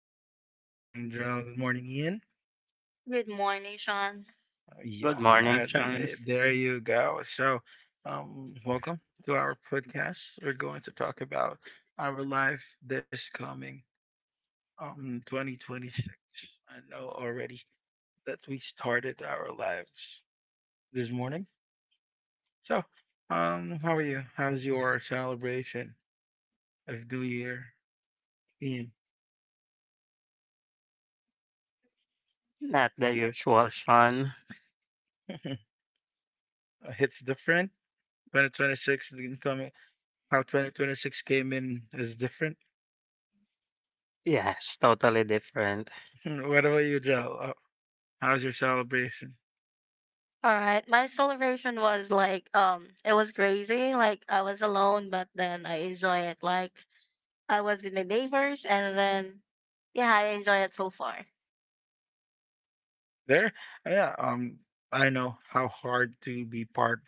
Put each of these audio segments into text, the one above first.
everyone. Good morning, Gerald. Good morning, Ian. Good morning, Sean. Good morning, Yeah, Sean. There you go. So, welcome to our podcast. We're going to talk about our life this coming 2026. I know already that we started our lives this morning. So, how are you? How's your celebration of New Year, Ian? Not the usual Sean. Uh, It's different. 2026 is coming, how 2026 came in is different. Yes, totally different. What about you, Jel? How's your celebration? All right, my celebration was like it was crazy. Like I was alone, but then I enjoy it. Like I was with my neighbors, and then yeah, I enjoy it so far. There? Yeah, I know how hard to be part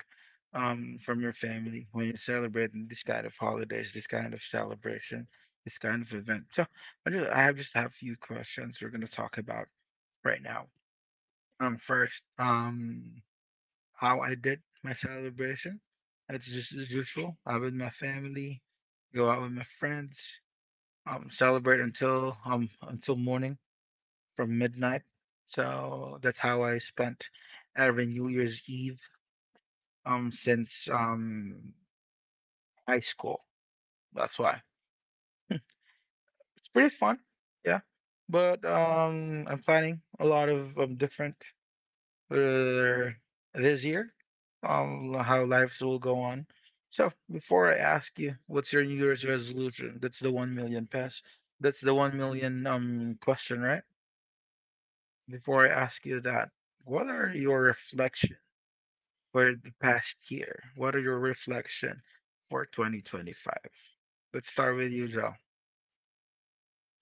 from your family when you're celebrating this kind of holidays, this kind of celebration, this kind of event. So I just I have just have a few questions we're gonna talk about right now. First, how I did my celebration. It's just as usual. I with my family, go out with my friends, celebrate until morning from midnight. So that's how I spent every New Year's Eve since high school. That's why it's pretty fun, yeah. But I'm planning a lot of different uh, this year, how lives will go on. So before I ask you, what's your New Year's resolution? That's the 1 million pass. That's the 1 million question, right? Before I ask you that, what are your reflection for the past year? What are your reflection for 2025? Let's start with you, Joe.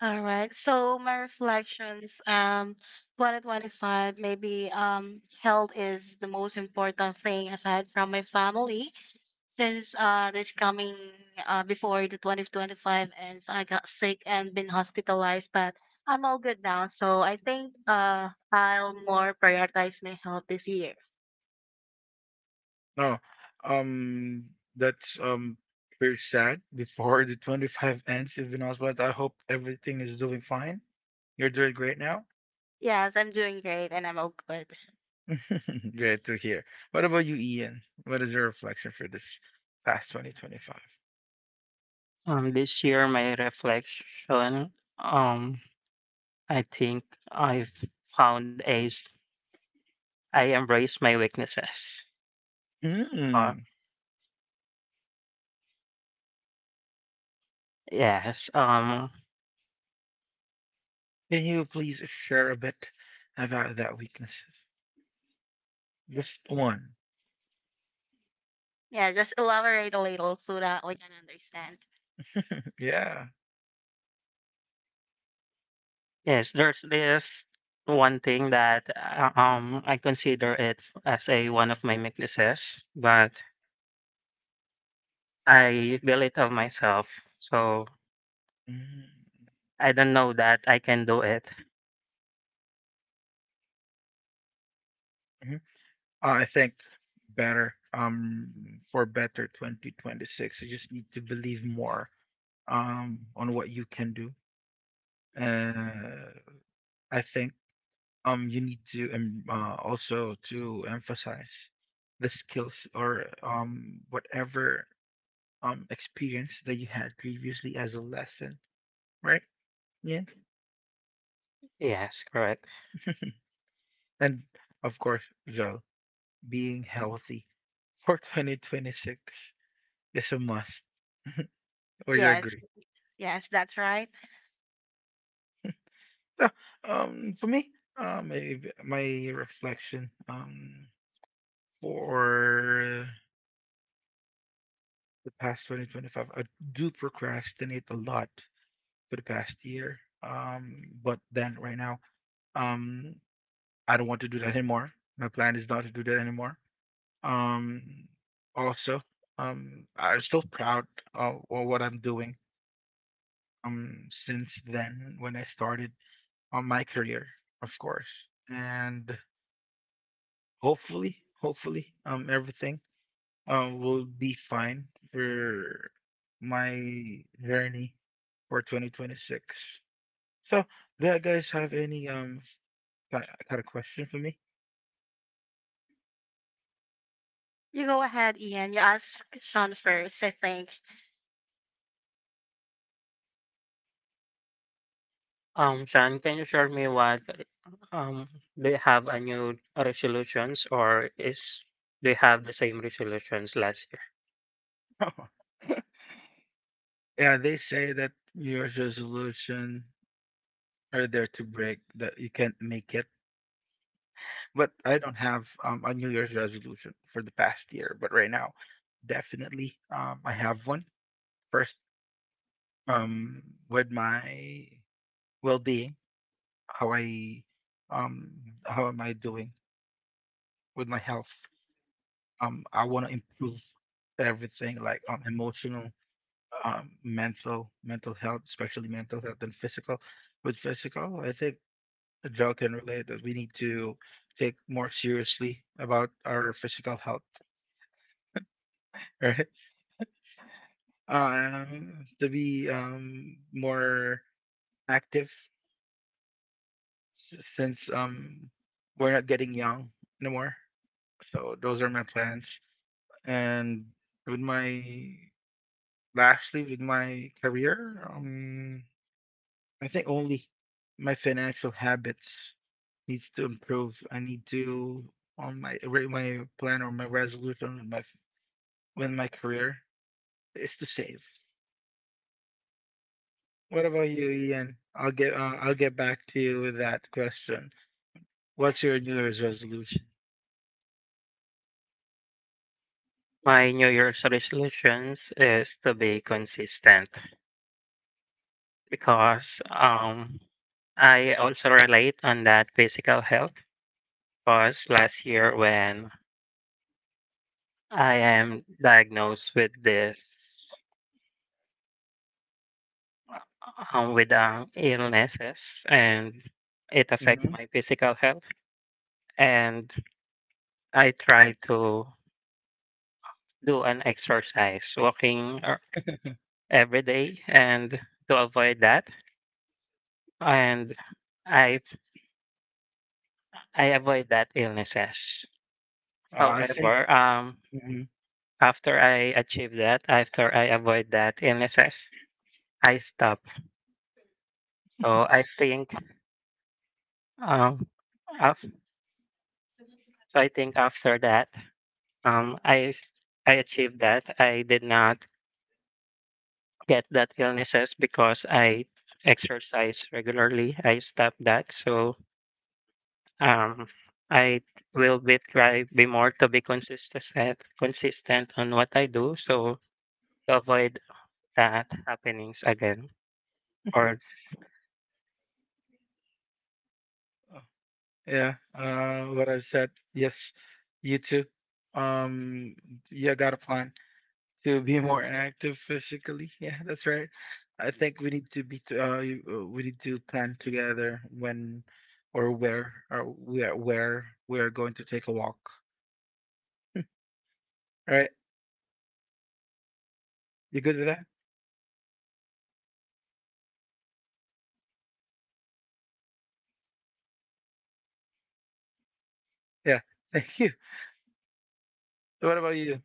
All right. So my reflections, 2025, maybe health is the most important thing aside from my family. Since this coming before the 2025 ends, I got sick and been hospitalized, but I'm all good now. So I think I'll more prioritize my health this year. No, um, that's very sad. Before the 25 ends, you've been asked, but I hope everything is doing fine. You're doing great now. Yes, I'm doing great and I'm all good. Great to hear. What about you, Ian? What is your reflection for this past 2025? This year my reflection. Um, I think I've found a. s- I embrace my weaknesses. Uh, Mm. yes. Can you please share a bit about that weaknesses? Just one. Yeah, just elaborate a little so that we can understand. Yeah. Yes. There's this one thing that I consider it as a one of my weaknesses, but I belittle myself. So Mm, I don't know that I can do it. mhm. I think better for better 2026. You just need to believe more on what you can do. Uh, I think you need to also to emphasize the skills or whatever experience that you had previously as a lesson, right? Yeah. Yes. Correct. And of course, Joel, being healthy for 2026 is a must, or you Yes, agree. yes, that's right. So, for me, my reflection, for the past 2025, I do procrastinate a lot for the past year. But then right now, um, I don't want to do that anymore. My plan is not to do that anymore. Um, also, I'm still proud of what I'm doing since then when I started on my career, of course. And hopefully, everything will be fine for my journey for 2026. So, do you guys have any kind of question for me? You go ahead, Ian. You asked Sean first, I think. Sean, can you share me what um do you have a new resolutions, or is do you have the same resolutions last year? Yeah, they say that New Year's resolution are there to break that you can't make it. But I don't have a New Year's resolution for the past year. But right now, definitely, I have one. First, um, with my well-being, how I, um, how am I doing with my health? I want to improve everything, like emotional, mental health, especially mental health and physical. With physical, I think Joe can relate that we need to take more seriously about our physical health. To be, more active, s since, we're not getting young anymore. So those are my plans. And with my lastly, with my career, I think only my financial habits needs to improve. I need to on my re- My plan or my resolution with my career is to save. What about you, Ian? I'll get back to you with that question. What's your New Year's resolution? My New Year's resolutions is to be consistent because I also relate on that physical health because last year when I am diagnosed with this with illnesses, and it affect Hmm. my physical health, and I try to do an exercise, walking every day, and to avoid that, and I I avoid that illnesses. I think. However, Mhm. after I achieve that, after I avoid that illnesses, I stop. So I think, um, af- so I think after that, I achieved that. I did not get that illnesses because I exercise regularly. I stopped that. So Um, I will be try be more to be consistent consistent on what I do, so to avoid that happenings again. Or Uh, yeah, what I've said. Yes, you too. Um, yeah, got a plan to be more active physically. Yeah, that's right. I think we need to plan together when or where or we are where we are going to take a walk. All right, you good with that? Yeah, thank you. So what about you?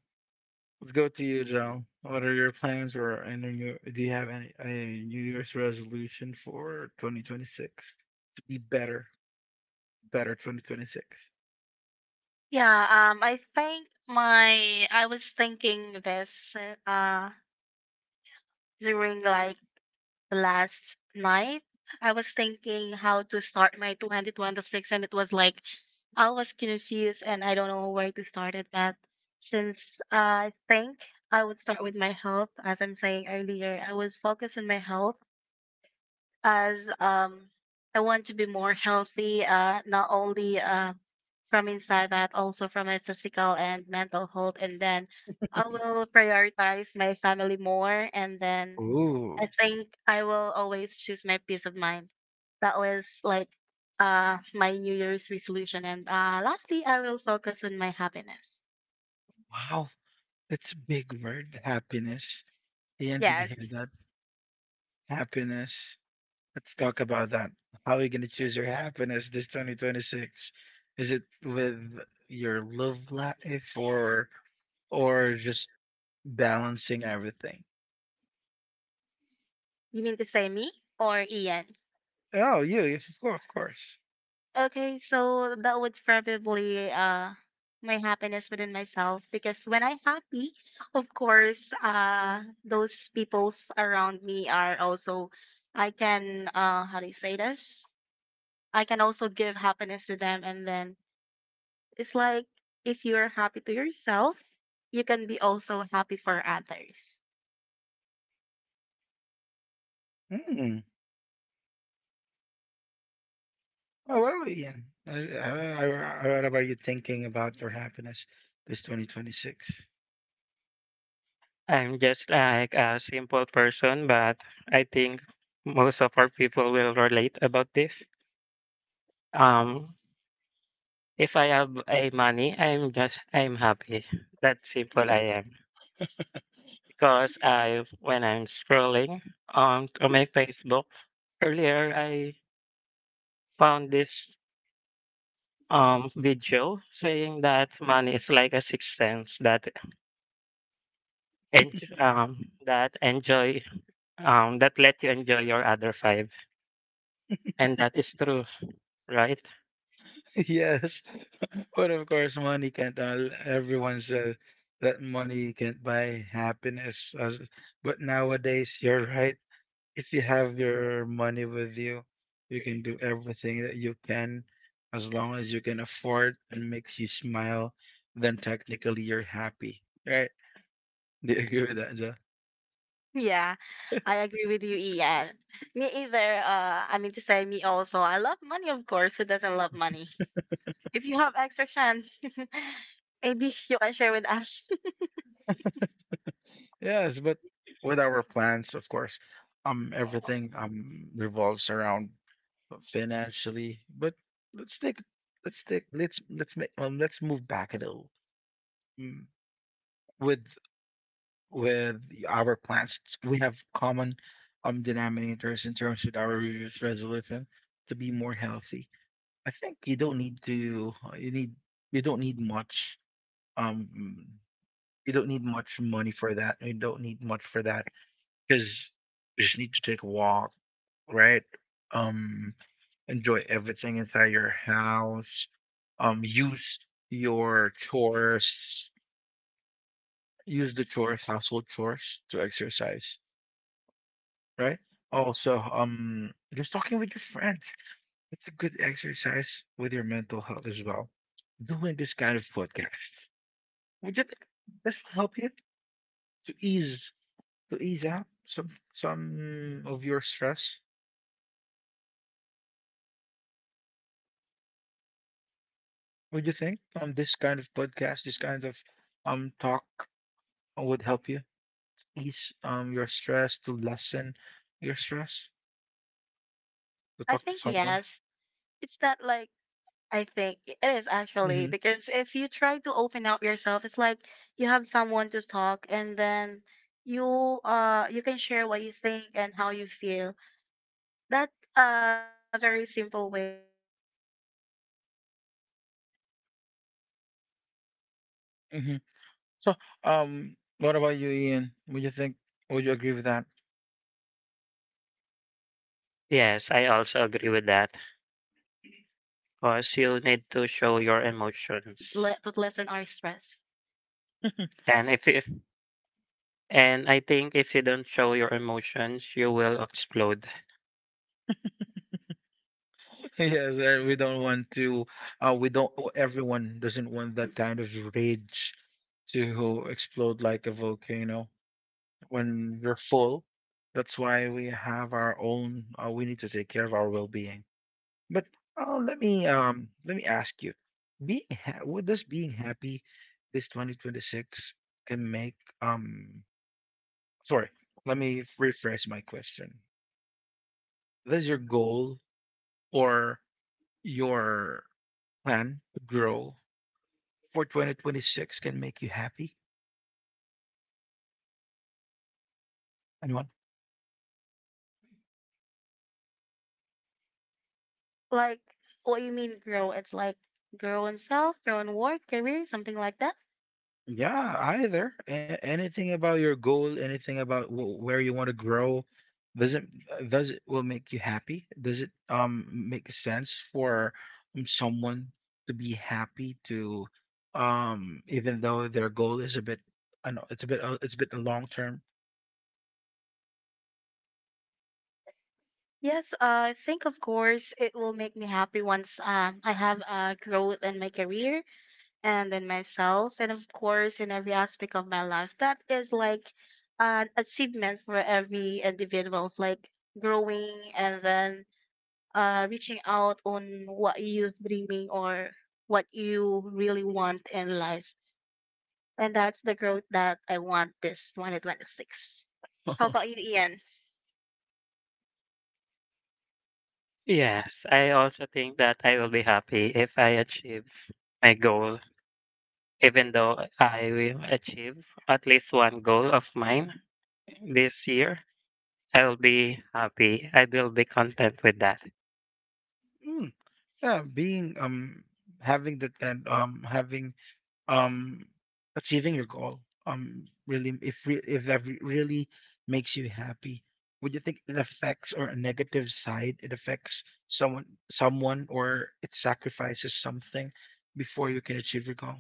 Let's go to you, Joe. What are your plans, or do you have any a New Year's resolution for 2026 to be better, better 2026? Yeah, I think my I was thinking this uh during like last night. I was thinking how to start my 2026 and it was like I was confused and I don't know where to start it at. Since I think I would start with my health. As I'm saying earlier, I would focus on my health, as I want to be more healthy, not only from inside but also from my physical and mental health. And then I will prioritize my family more. And then I Ooh, think I will always choose my peace of mind. That was like my New Year's resolution. And lastly, I will focus on my happiness. wow, that's a big word, happiness. And did you Yes, hear that? Happiness. Let's talk about that. How are you going to choose your happiness this 2026? Is it with your love life or just balancing everything? you mean to say me or Ian? Oh, you, yes, of course, of course. Okay, so that would probably my happiness within myself, because when I'm happy, of course, those peoples around me are also I can how do you say this? I can also give happiness to them, and then it's like if you're happy to yourself, you can be also happy for others. Mm. Oh, what about you? What about you thinking about your happiness this 2026? I'm just like a simple person, but I think most of our people will relate about this. Um, if I have a money, I'm happy. That simple I am. Because I when I'm scrolling on to my Facebook earlier, I found this video saying that money is like a sixth sense that and um that enjoy that let you enjoy your other five, and that is true, right? Yes, but of course, money can't. Everyone says that money can't buy happiness. But nowadays, you're right. If you have your money with you, you can do everything that you can, as long as you can afford and makes you smile. Then technically, you're happy, right? Do you agree with that, Joe? Yeah, I agree with you, Ian. Me either. I mean to say, me also. I love money, of course. Who doesn't love money? If you have extra chance, maybe you can share with us. Yes, but with our plans, of course, everything revolves around financially. But let's take let's take let's make let's move back a little. Mm. with with our plans, we have common denominators in terms of our New Year's resolution to be more healthy. I think you don't need to you need you don't need much um you don't need much money for that. You don't need much for that because you just need to take a walk, right? Um, enjoy everything inside your house. Use your chores use the chores household chores to exercise, right? Also, just talking with your friends, it's a good exercise with your mental health as well. Doing this kind of podcast, would you think this will help you to ease to ease out some of your stress? Would you think this kind of podcast, this kind of talk would help you ease your stress, to lessen your stress? To I talk to think someone. yes. It's not like I think it is actually, Mhm, because if you try to open up yourself, it's like you have someone to talk, and then you you can share what you think and how you feel. That very simple way, it is very helpful for us to express ourselves and to lessen our stress. mhm. So, what about you, Ian? Would you think? Would you agree with that? Yes, I also agree with that, because you need to show your emotions, and if and I think if you don't show your emotions, you will explode. Yes, we don't want to. We don't. Oh, Everyone doesn't want that kind of rage to explode like a volcano when we're full. That's why we have our own. We need to take care of our well-being. But let me ask you, what does being happy this 2026 can make Sorry, let me rephrase my question. What is your goal or your plan to grow for 2026 can make you happy? Anyone? Like what you mean grow, it's like grow in self, grow in work, career, something like that. Yeah, either. Anything about your goal, anything about where you want to grow, does it will make you happy? Does it make sense for someone to be happy, to even though their goal is a bit — I know it's a bit, it's a bit long term. Yes, I think of course it will make me happy once I have growth in my career and in myself, and of course in every aspect of my life. That is like an achievement for every individuals, like growing and then reaching out on what you're dreaming or what you really want in life. And that's the growth that I want this 2026. How about you, Ian? Yes, I also think that I will be happy if I achieve my goal. Even though I will achieve at least one goal of mine this year, I will be happy. I will be content with that. Yeah, being, having that kind, having, um achieving your goal really, if really makes you happy, would you think it affects, or a negative side, it affects someone, or it sacrifices something before you can achieve your goal?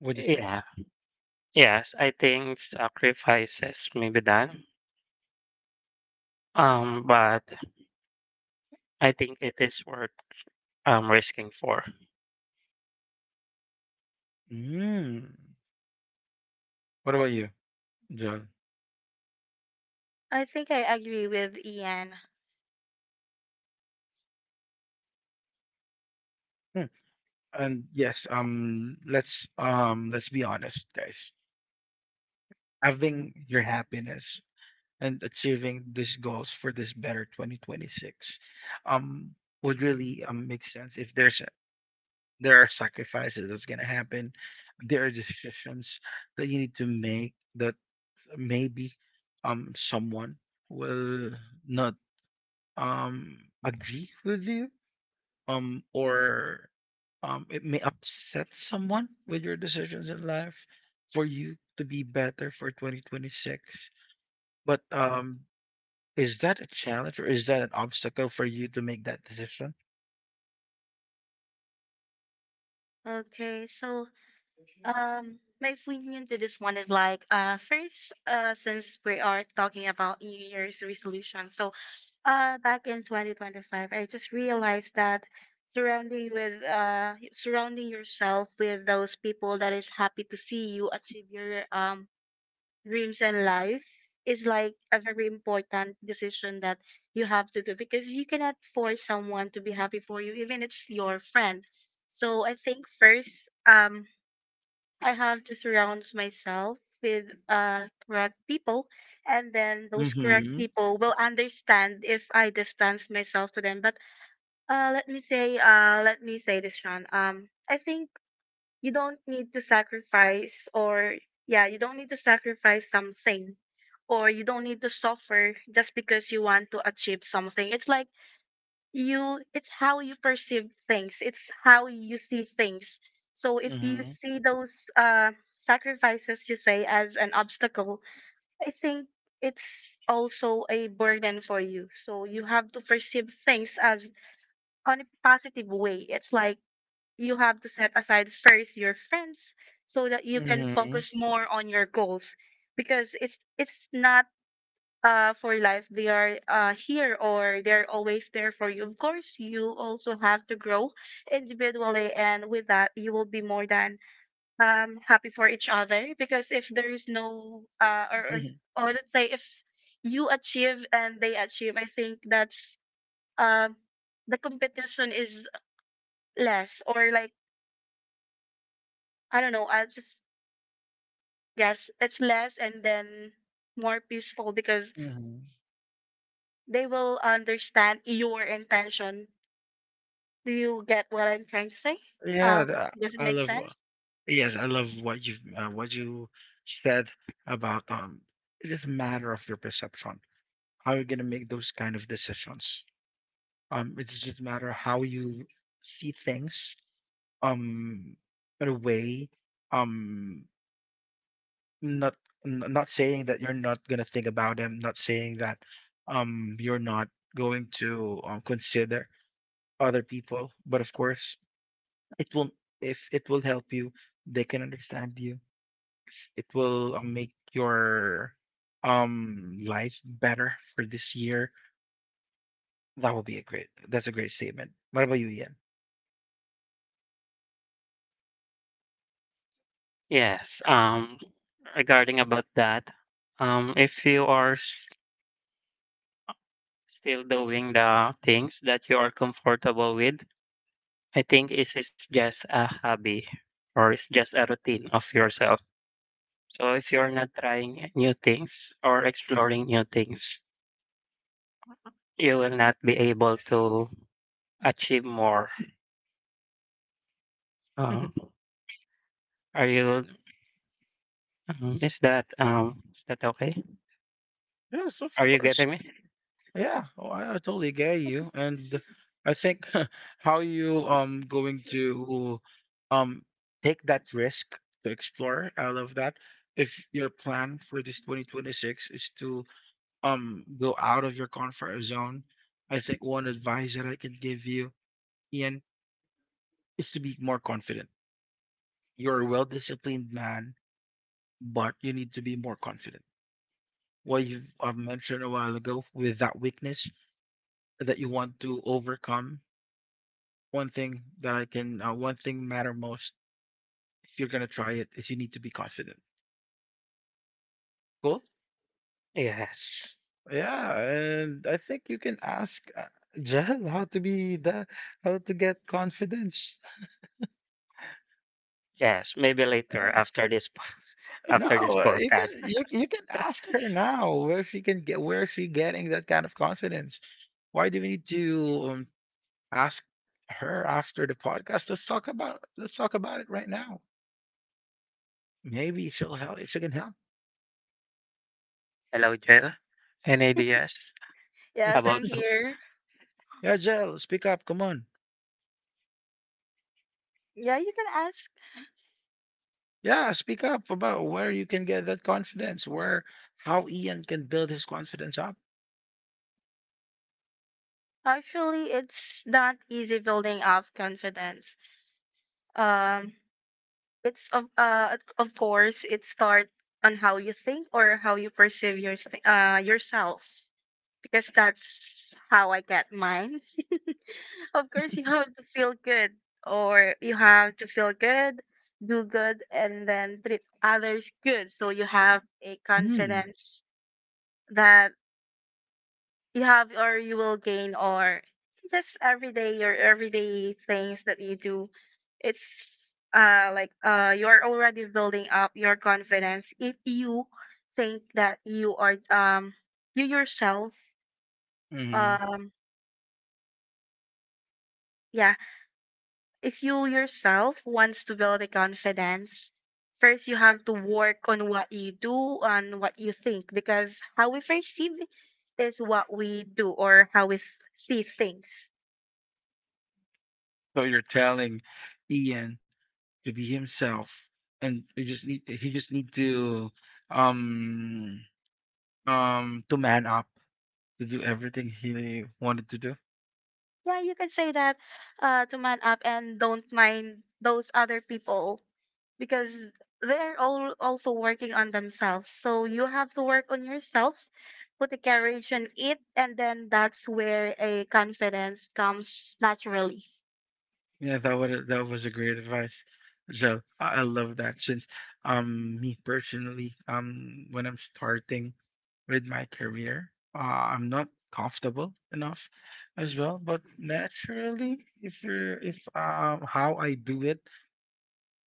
What do you think? Yeah. Yes, I think sacrifices may be done. But I think it is worth risking for. Mm. What about you, John? I think I agree with Ian. Hmm. And yes, let's be honest, guys. Having your happiness and achieving these goals for this better 2026, um would really, make sense. If There are sacrifices that's going to happen, there are decisions that you need to make, that maybe someone will not um agree with you, or it may upset someone with your decisions in life for you to be better for 2026. But is that a challenge or is that an obstacle for you to make that decision? Okay, so my opinion to this one is like first, since we are talking about New Year's resolution, so back in 2025, I just realized that surrounding yourself with those people that is happy to see you achieve your dreams and life is like a very important decision that you have to do, because you cannot force someone to be happy for you, even it's your friend. So I think first, I have to surround myself with correct people, and then those correct Mhm. people will understand if I distance myself to them. But let me say this, Sean. I think you don't need to sacrifice, or yeah, you don't need to sacrifice something, or you don't need to suffer just because you want to achieve something. It's like you it's how you perceive things, it's how you see things. So if you Mhm. see those sacrifices you say as an obstacle, I think it's also a burden for you, so you have to perceive things as on a positive way. It's like you have to set aside first your friends so that you can Mhm. focus more on your goals, because it's not for life. They are here, or they're always there for you. Of course, you also have to grow individually, and with that, you will be more than happy for each other. Because if there is no, uh, or, or Mhm. or let's say if you achieve and they achieve, I think that's um, the competition is less, or like I don't know. I just yes, it's less, and then more peaceful, because Mhm. they will understand your intention. Do you get what I'm trying to say? Yeah, the Does it I make love sense? yes, I love what you said about it's just a matter of your perception. How you're gonna make those kind of decisions. It's just a matter how you see things, um in a way, um not not saying that you're not going to think about them, not saying that you're not going to consider other people, but of course it will if it will help you they can understand you, if it will make your life better for this year, that's a great statement. What about you, Ian? Yes. Regarding about that, if you are still doing the things that you are comfortable with, I think it's just a hobby, or it's just a routine of yourself. So if you're not trying new things or exploring new things, you will not be able to achieve more. Uh, are you? Is that um? Is that okay? Yes, of Are you course. getting me? Yeah, I totally get you, and I think how you going to um take that risk to explore out of that. If your plan for this 2026 is to go out of your comfort zone, I think one advice that I can give you, Ian, is to be more confident. You're a well-disciplined man, but you need to be more confident. What you've mentioned a while ago with that weakness that you want to overcome, one thing that I can one thing matter most if you're gonna try it is you need to be confident. Cool. Yes. Yeah, and I think you can ask Jel how to be the how to get confidence. Yes. Maybe later Uh, after No, after this you podcast. can you can ask her now where she can get where she getting that kind of confidence. Why do we need to um, ask her after the podcast? Let's talk about it right now. Maybe she'll help. She can help. Hello, Jill. Any ideas Yes, I'm about? here. Yeah, Jel, speak up. Come on. Yeah, you can ask. Yeah, speak up about where you can get that confidence, where how Ian can build his confidence up. Actually, it's not easy building up confidence. Um, It's of course it starts on how you think or how you perceive yourself, because that's how I get mine. Of course you have to feel good, or you have to feel good, do good, and then treat others good, so you have a Mm. confidence that you have or you will gain, or just everyday things that you do. It's like You're already building up your confidence if you think that you yourself, hmm um yeah, if you yourself wants to build a confidence, first you have to work on what you do, on what you think, because how we perceive is what we do or how we see things. So you're telling Ian to be himself, and you just need he just need um to man up to do everything he wanted to do. Yeah, you can say that to man up and don't mind those other people, because they're all also working on themselves. So you have to work on yourself, put the courage in it, and then that's where a confidence comes naturally. Yeah, that was a great advice. So I love that. Since me personally, when I'm starting with my career, I'm not comfortable enough as well, but naturally, if you're, if how I do it,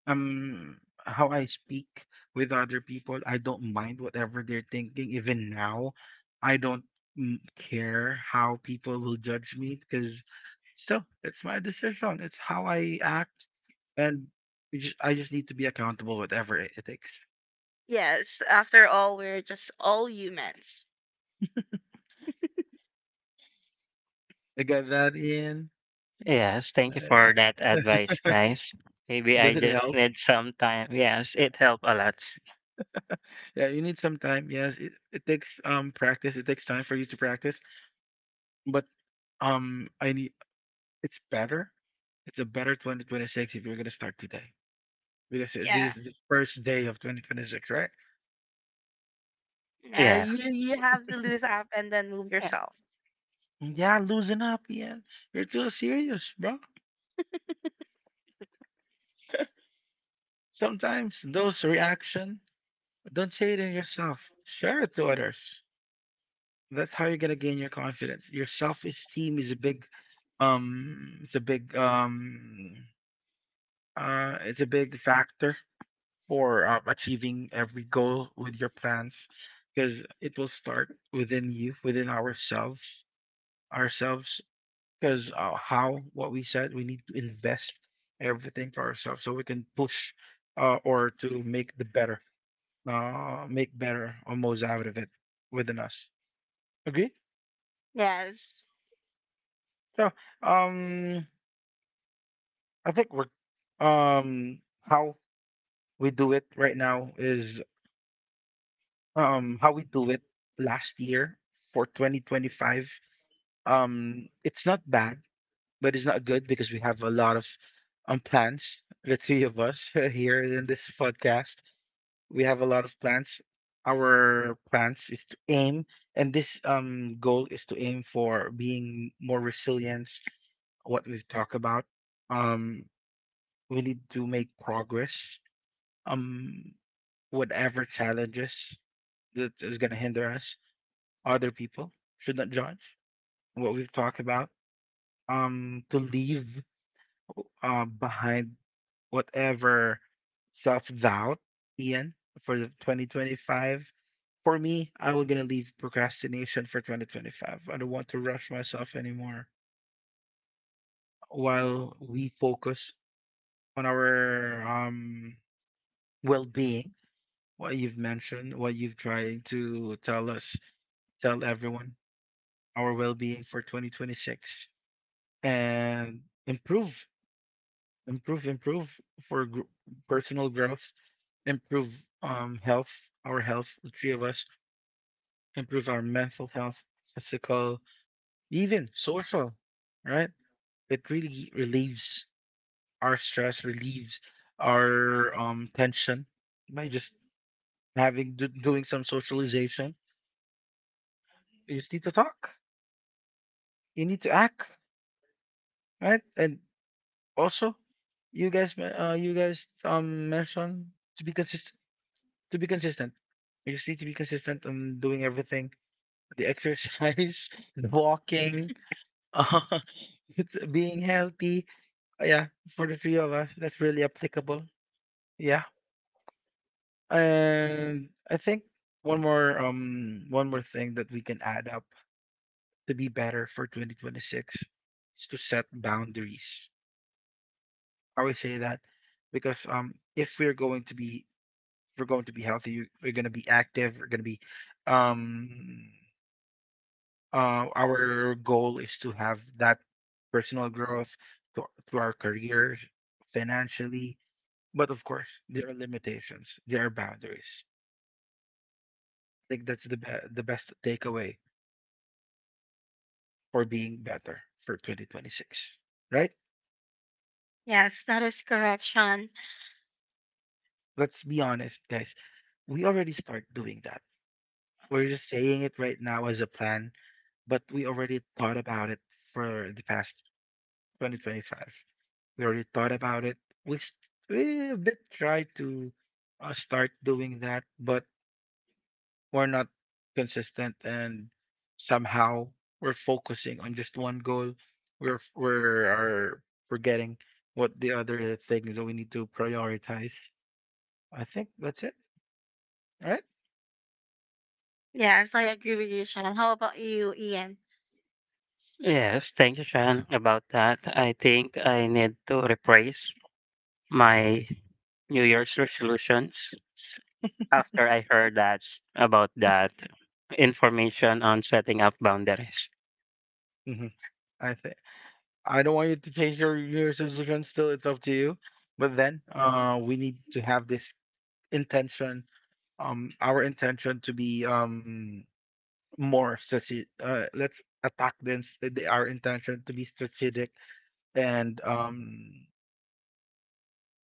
um, how I speak with other people, I don't mind whatever they're thinking. Even now, I don't, care how people will judge me, because still, it's my decision. It's how I act, and I just need to be accountable whatever it takes. Yes, after all, we're just all humans. I got that in. Yes, thank you for that Uh, advice, guys. Maybe I does it just help? need some time. Yes, it helped a lot. Yeah, you need some time. Yes, it takes practice. It takes time for you to practice. But I need. It's better. It's a better 2026 if you're gonna start today, because Yeah, this is the first day of 2026, right? yeah. You Yes. you have to lose up and then move Yeah. yourself. Yeah, losing up, Ian. You're too serious, bro. Sometimes those reaction. Don't say it in yourself. Share it to others. That's how you're gonna gain your confidence. Your self-esteem is a big um. It's a big um. It's a big factor for achieving every goal with your plans, because it will start within you, within ourselves, because how what we said, we need to invest everything to ourselves so we can push, or to make the better, make better almost out of it within us. Agree? Yes, So, um I think we're how we do it right now is how we do it last year, for 2025. It's not bad, but it's not good, because we have a lot of plans. The three of us here in this podcast, we have a lot of plans. Our plans is to aim, and this goal is to aim for being more resilient. What we've talked about, um, we need to make progress. Um, Whatever challenges that is gonna hinder us, other people should not judge what we've talked about. To leave behind whatever self doubt, Ian, for the 2025. For me, I will gonna leave procrastination for 2025. I don't want to rush myself anymore. While we focus on our well being, what you've mentioned, what you've tried to tell us, tell everyone, our well being for 2026, and improve, improve, for personal growth, improve health, our health, the three of us. Improve our mental health, physical, even social, right? It really relieves our stress, relieves our tension by just doing some socialization. You just need to talk. You need to act, right? And also, you guys, you guys mentioned to be consistent. To be consistent, you just need to be consistent on doing everything: the exercise, the walking, uh, it's being healthy. Yeah, for the three of us, that's really applicable. Yeah, and I think one more thing that we can add up to be better for 2026 is to set boundaries. I always say that, because if we're going to be if we're going to be healthy, we're going to be active, we're going to be um our goal is to have that personal growth to, to our careers, financially. But of course there are limitations, there are boundaries. I think that's the best takeaway for being better for 2026, right? yes, that is correct, Sean. Let's be honest guys, we already start doing that. We're just saying it right now as a plan, but we already thought about it for the past 2025. We already thought about it. We s- we a bit try to start doing that, but we're not consistent, and somehow we're focusing on just one goal. We're f- we're are forgetting what the other things that we need to prioritize. I think that's it, right? Yes, I agree with you, Sean. How about you, Ian? Yes, thank you, Sean, about that. I think I need to rephrase my New Year's resolutions after I heard that about that information on setting up boundaries. Mm-hmm. I think I don't want you to change your New Year's resolution. Still, it's up to you. But then, we need to have this intention, our intention, to be more strategic. Let's attack them. They are intention to be strategic, and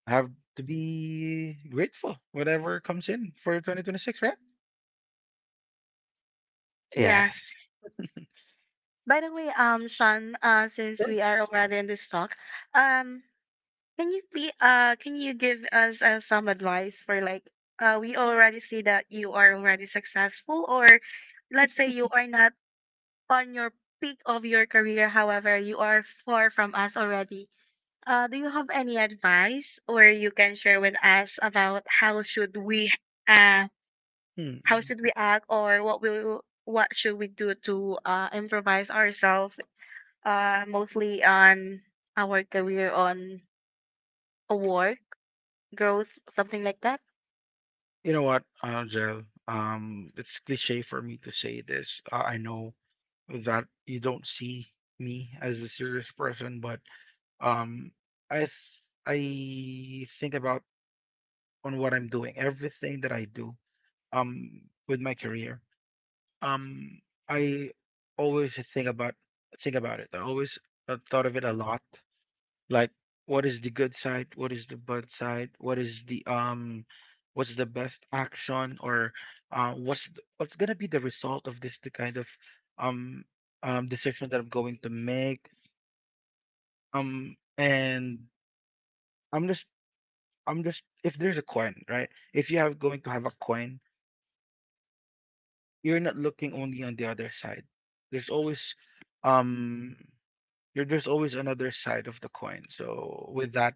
have to be grateful whatever comes in for 2026, right? Yes. Yes. By the way, Sean, since Sure. we are already in this talk, um, can you be can you give us some advice for like, we already see that you are already successful, or let's say you are not on your peak of your career, however, you are far from us already. Do you have any advice or you can share with us about how should we uh, how Hmm. should we act, or what will what should we do to improvise ourselves, mostly on our career, on a work growth, something like that. You know what, Gerald? It's cliche for me to say this. I know that you don't see me as a serious person, but um, I think about on what I'm doing, everything that I do, um, with my career. Um, I always think about it. I always thought of it a lot. Like, what is the good side? What is the bad side? What is the what's the best action? Or what's gonna be the result of this? The kind of um decision that I'm going to make. And I'm just I'm just, if there's a coin, right? If you have going to have a coin, you're not looking only on the other side. There's always um there's always another side of the coin. So with that,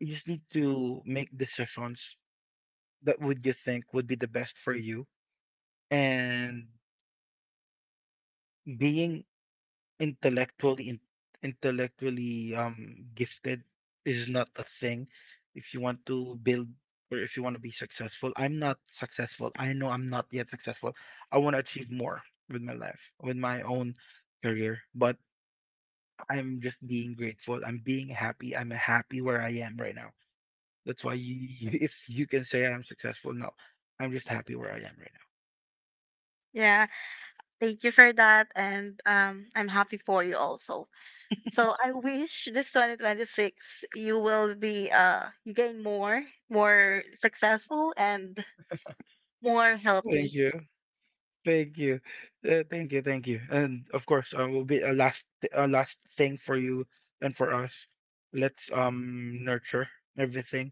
you just need to make decisions that would you think would be the best for you, and being intellectually in, intellectually gifted is not a thing. If you want to build or if you want to be successful, I'm not successful. I know I'm not yet successful. I want to achieve more with my life, with my own career. But I'm just being grateful. I'm being happy. I'm happy where I am right now. That's why you, if you can say I'm successful, no, I'm just happy where I am right now. Yeah, thank you for that, and I'm happy for you also. So I wish this 2026 you will be you gain more, more successful and more healthy. Thank you. Thank you. Thank you. Thank you. And of course, will be a last thing for you and for us. Let's nurture everything.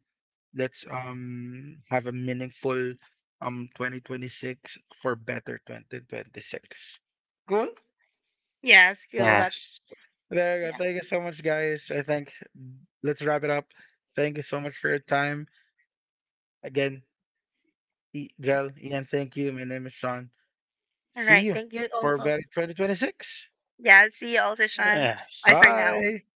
Let's have a meaningful 2026 for better 2026. Cool. Yes, cool. That's Yes. There you go. yeah. Thank you so much, guys. I think let's wrap it up. Thank you so much for your time. Again, Girl, Ian, thank you. My name is Sean. All See right. you Thank you for also. better 2026. Yeah. See you also, Sean. Bye Yes. for now. Bye.